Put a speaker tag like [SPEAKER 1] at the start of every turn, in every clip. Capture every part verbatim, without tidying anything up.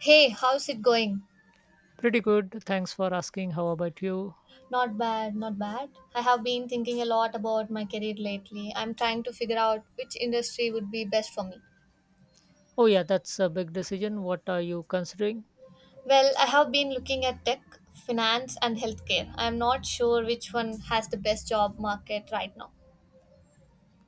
[SPEAKER 1] Hey, how's it going?
[SPEAKER 2] Pretty good. Thanks for asking. How about you?
[SPEAKER 1] Not bad, not bad. I have been thinking a lot about my career lately. I'm trying to figure out which industry would be best for me.
[SPEAKER 2] Oh yeah, that's a big decision. What are you considering?
[SPEAKER 1] Well, I have been looking at tech, finance, and healthcare. I'm not sure which one has the best job market right now.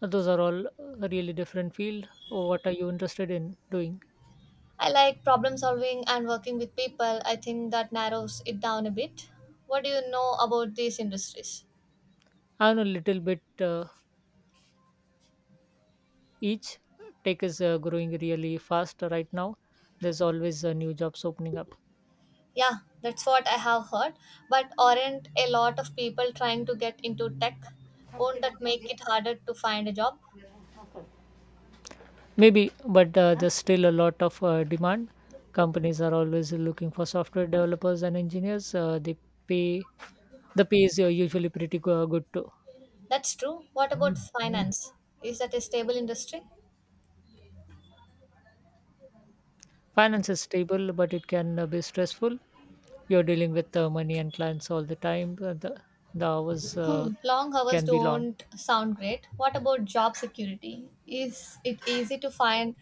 [SPEAKER 2] Those are all uh, really different field. Oh, What are you interested in doing?
[SPEAKER 1] I like problem solving and working with people. I think that narrows it down a bit. What do you know about these industries?
[SPEAKER 2] I'm a little bit uh, each. Tech is uh, growing really fast right now. There's always uh, new jobs opening up.
[SPEAKER 1] Yeah, that's what I have heard. But aren't a lot of people trying to get into tech? Won't that make it harder to find a job?
[SPEAKER 2] Maybe, but uh, there's still a lot of uh, demand. Companies are always looking for software developers and engineers. Uh, they pay the pay is uh, usually pretty go- good too.
[SPEAKER 1] That's true. What about finance? Is that a stable industry?
[SPEAKER 2] Finance is stable, but it can uh, be stressful. You're dealing with uh, money and clients all the time. uh, The, the hours uh,
[SPEAKER 1] Hmm, long hours
[SPEAKER 2] can be long.
[SPEAKER 1] don't sound great. What about job security? Is it easy to find?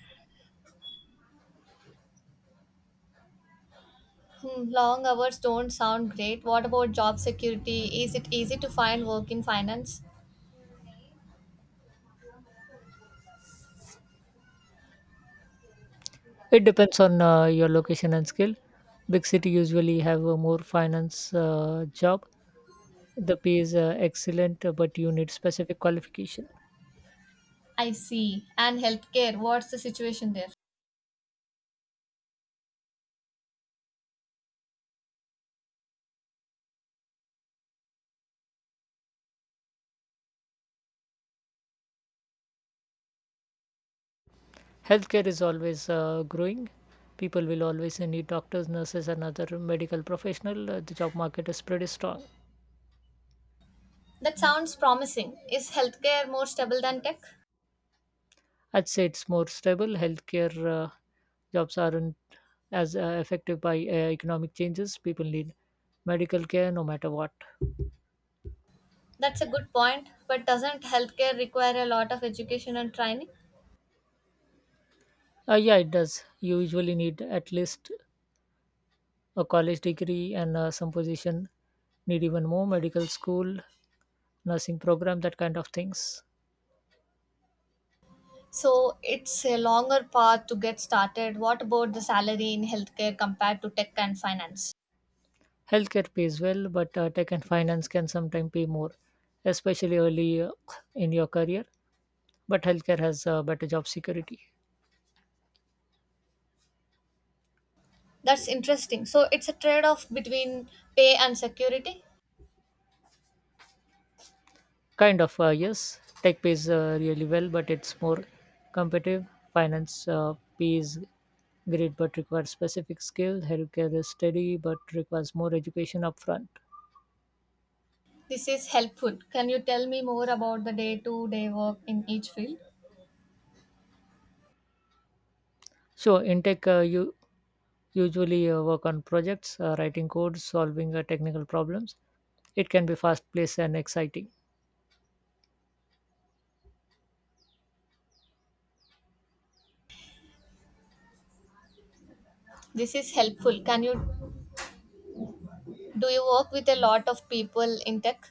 [SPEAKER 1] Hmm, long hours don't sound great. What about job security? Is it easy to find work in finance?
[SPEAKER 2] It depends on uh, your location and skill. Big city usually have a more finance uh, job. The pay is uh, excellent, uh, but you need specific qualification.
[SPEAKER 1] I see. And healthcare, what's the situation there?
[SPEAKER 2] Healthcare is always uh, growing. People will always need doctors, nurses, and other medical professional. Uh, the job market is pretty strong.
[SPEAKER 1] That sounds promising. Is healthcare more stable than tech?
[SPEAKER 2] I'd say it's more stable. Healthcare uh, jobs aren't as uh, affected by uh, economic changes. People need medical care no matter what.
[SPEAKER 1] That's a good point, but doesn't healthcare require a lot of education and training?
[SPEAKER 2] Uh, yeah, it does. You usually need at least a college degree and uh, some position need even more medical school, nursing program, that kind of things.
[SPEAKER 1] So it's a longer path to get started. What about the salary in healthcare compared to tech and finance?
[SPEAKER 2] Healthcare pays well, but uh, tech and finance can sometimes pay more, especially early uh, in your career. But healthcare has uh, better job security.
[SPEAKER 1] That's interesting. So it's a trade off between pay and security.
[SPEAKER 2] Kind of, uh, yes. Tech pays uh, really well, but it's more competitive. Finance uh, pays great, but requires specific skill. Healthcare is steady, but requires more education upfront.
[SPEAKER 1] This is helpful. Can you tell me more about the day to day work in each field?
[SPEAKER 2] So, in tech, uh, you usually uh, work on projects, uh, writing code, solving uh, technical problems. It can be fast paced and exciting.
[SPEAKER 1] This is helpful. Can you do you work with a lot of people in tech?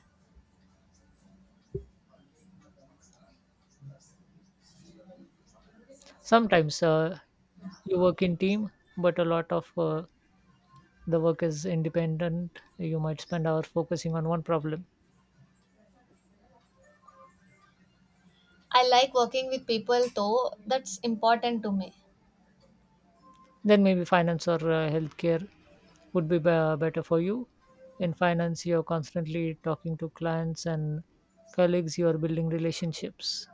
[SPEAKER 2] Sometimes uh, you work in team, but a lot of uh, the work is independent. You might spend hours focusing on one problem.
[SPEAKER 1] I like working with people though, that's important to me.
[SPEAKER 2] Then maybe finance or uh, healthcare would be be- better for you. In finance, you're constantly talking to clients and colleagues, you are building relationships.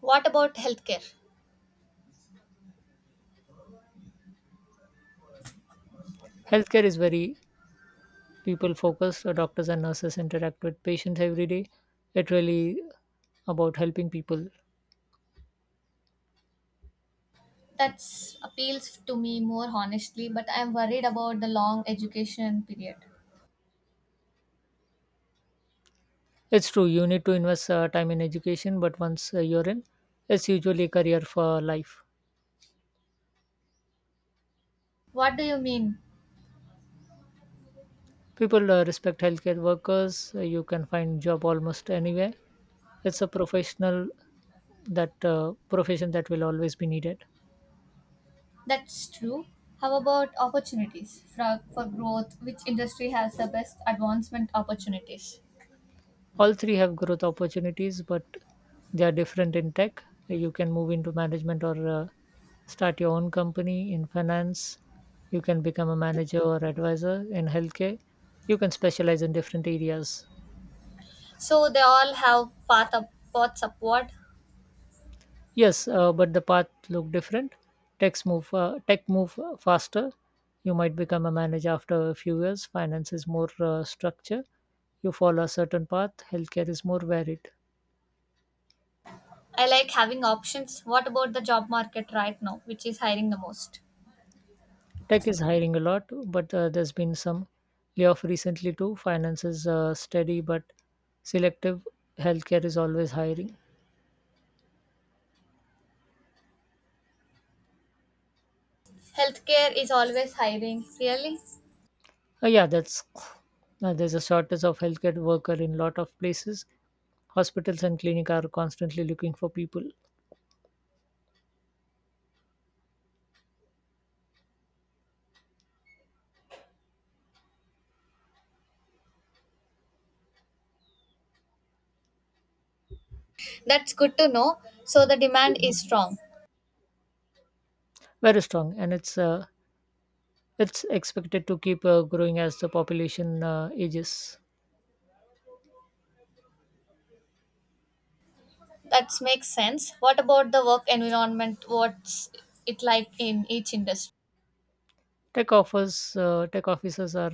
[SPEAKER 1] What about healthcare?
[SPEAKER 2] Healthcare is very people focused. Uh, Doctors and nurses interact with patients every day. It really about helping people.
[SPEAKER 1] That appeals to me more honestly, but I'm worried about the long education period.
[SPEAKER 2] It's true, you need to invest uh, time in education, but once uh, you're in, it's usually a career for life.
[SPEAKER 1] What do you mean?
[SPEAKER 2] People uh, respect healthcare workers, uh, you can find job almost anywhere. It's a professional that uh, profession that will always be needed.
[SPEAKER 1] That's true. How about opportunities for, for growth? Which industry has the best advancement opportunities?
[SPEAKER 2] All three have growth opportunities, but they are different. In tech, you can move into management or uh, start your own company. In finance, you can become a manager or advisor. In healthcare, you can specialize in different areas.
[SPEAKER 1] So they all have path up, paths upward.
[SPEAKER 2] Yes, uh, but the path look different. Techs move, uh, tech move faster. You might become a manager after a few years. Finance is more uh, structure. You follow a certain path. Healthcare is more varied.
[SPEAKER 1] I like having options. What about the job market right now, which is hiring the most?
[SPEAKER 2] Tech is hiring a lot, but uh, there's been some layoff recently too. Finance is uh, steady but selective. Healthcare is always hiring.
[SPEAKER 1] Healthcare is always hiring, really?
[SPEAKER 2] Uh, yeah, that's uh, there's a shortage of healthcare worker in lot of places. Hospitals and clinic are constantly looking for people.
[SPEAKER 1] That's good to know. So the demand is strong.
[SPEAKER 2] Very strong, and it's uh, It's expected to keep uh, growing as the population uh, ages.
[SPEAKER 1] That makes sense. What about the work environment? What's it like in each industry?
[SPEAKER 2] Tech offers uh, tech offices are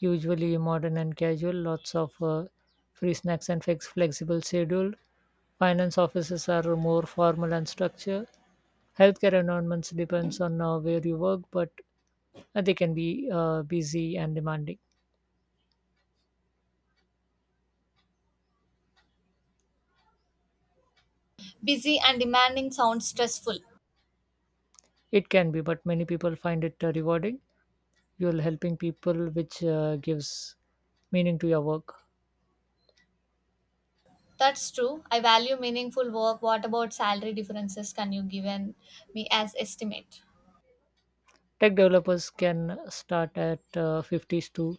[SPEAKER 2] usually modern and casual, lots of uh, free snacks and flex- flexible schedule. Finance offices are more formal and structured. Healthcare environments depends on uh, where you work, but uh, they can be uh, busy and demanding.
[SPEAKER 1] Busy and demanding sounds stressful.
[SPEAKER 2] It can be, but many people find it uh, rewarding. You're helping people, which uh, gives meaning to your work.
[SPEAKER 1] That's true. I value meaningful work. What about salary differences? Can you give an- Me as estimate?
[SPEAKER 2] Tech developers can start at uh, fifties to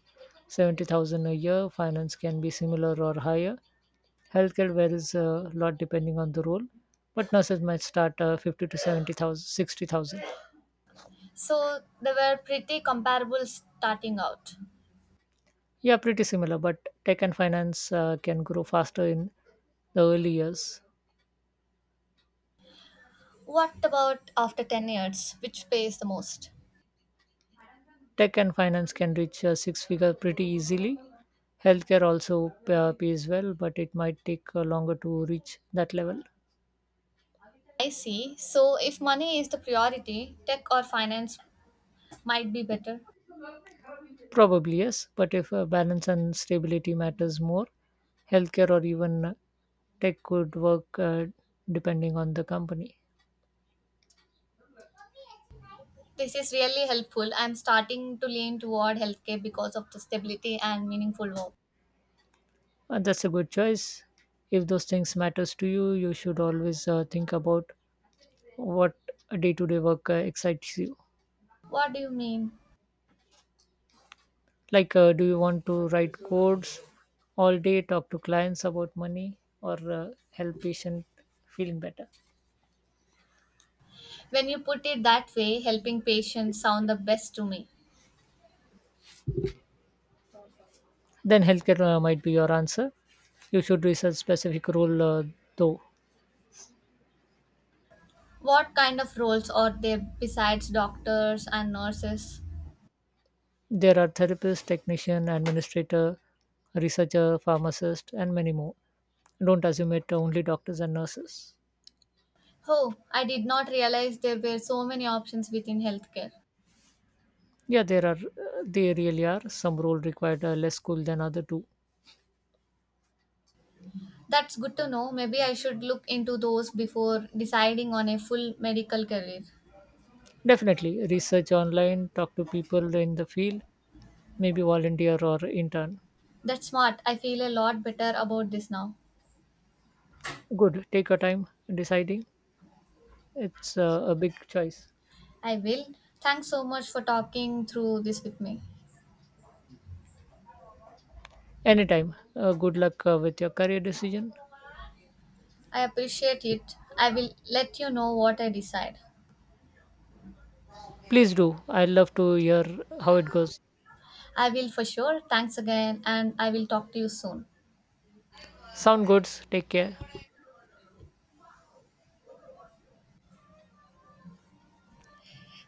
[SPEAKER 2] seventy thousand a year. Finance can be similar or higher. Healthcare varies a lot depending on the role, but nurses might start uh, fifty to seventy thousand, sixty thousand.
[SPEAKER 1] So they were pretty comparable starting out.
[SPEAKER 2] Yeah, pretty similar, but tech and finance uh, can grow faster in the early years.
[SPEAKER 1] What about after ten years? Which pays the most?
[SPEAKER 2] Tech and finance can reach uh, six figure pretty easily. Healthcare also uh, pays well, but it might take uh, longer to reach that level.
[SPEAKER 1] I see. So if money is the priority, tech or finance might be better.
[SPEAKER 2] Probably yes, but if uh, balance and stability matters more, healthcare or even uh, tech could work uh, depending on the company.
[SPEAKER 1] This is really helpful. I'm starting to lean toward healthcare because of the stability and meaningful work.
[SPEAKER 2] And that's a good choice. If those things matters to you, you should always uh, think about what day-to-day work uh, excites you.
[SPEAKER 1] What do you mean?
[SPEAKER 2] Like, uh, do you want to write codes all day, talk to clients about money, or uh, help patient feeling better?
[SPEAKER 1] When you put it that way, helping patients sound the best to me.
[SPEAKER 2] Then healthcare uh, might be your answer. You should research specific role uh, though.
[SPEAKER 1] What kind of roles are there besides doctors and nurses?
[SPEAKER 2] There are therapists, technician, administrator, researcher, pharmacist, and many more. Don't assume it only doctors and nurses.
[SPEAKER 1] Oh, I did not realize there were so many options within healthcare.
[SPEAKER 2] Yeah, there are. They really are. Some role required uh, less school than other two.
[SPEAKER 1] That's good to know. Maybe I should look into those before deciding on a full medical career.
[SPEAKER 2] Definitely, research online, talk to people in the field, maybe volunteer or intern.
[SPEAKER 1] That's smart. I feel a lot better about this now.
[SPEAKER 2] Good. Take your time deciding. It's uh, a big choice.
[SPEAKER 1] I will. Thanks so much for talking through this with me.
[SPEAKER 2] Anytime. Uh, good luck uh, with your career decision.
[SPEAKER 1] I appreciate it. I will let you know what I decide.
[SPEAKER 2] Please do. I'd love to hear how it goes.
[SPEAKER 1] I will for sure. Thanks again, and I will talk to you soon.
[SPEAKER 2] Sound good. Take care.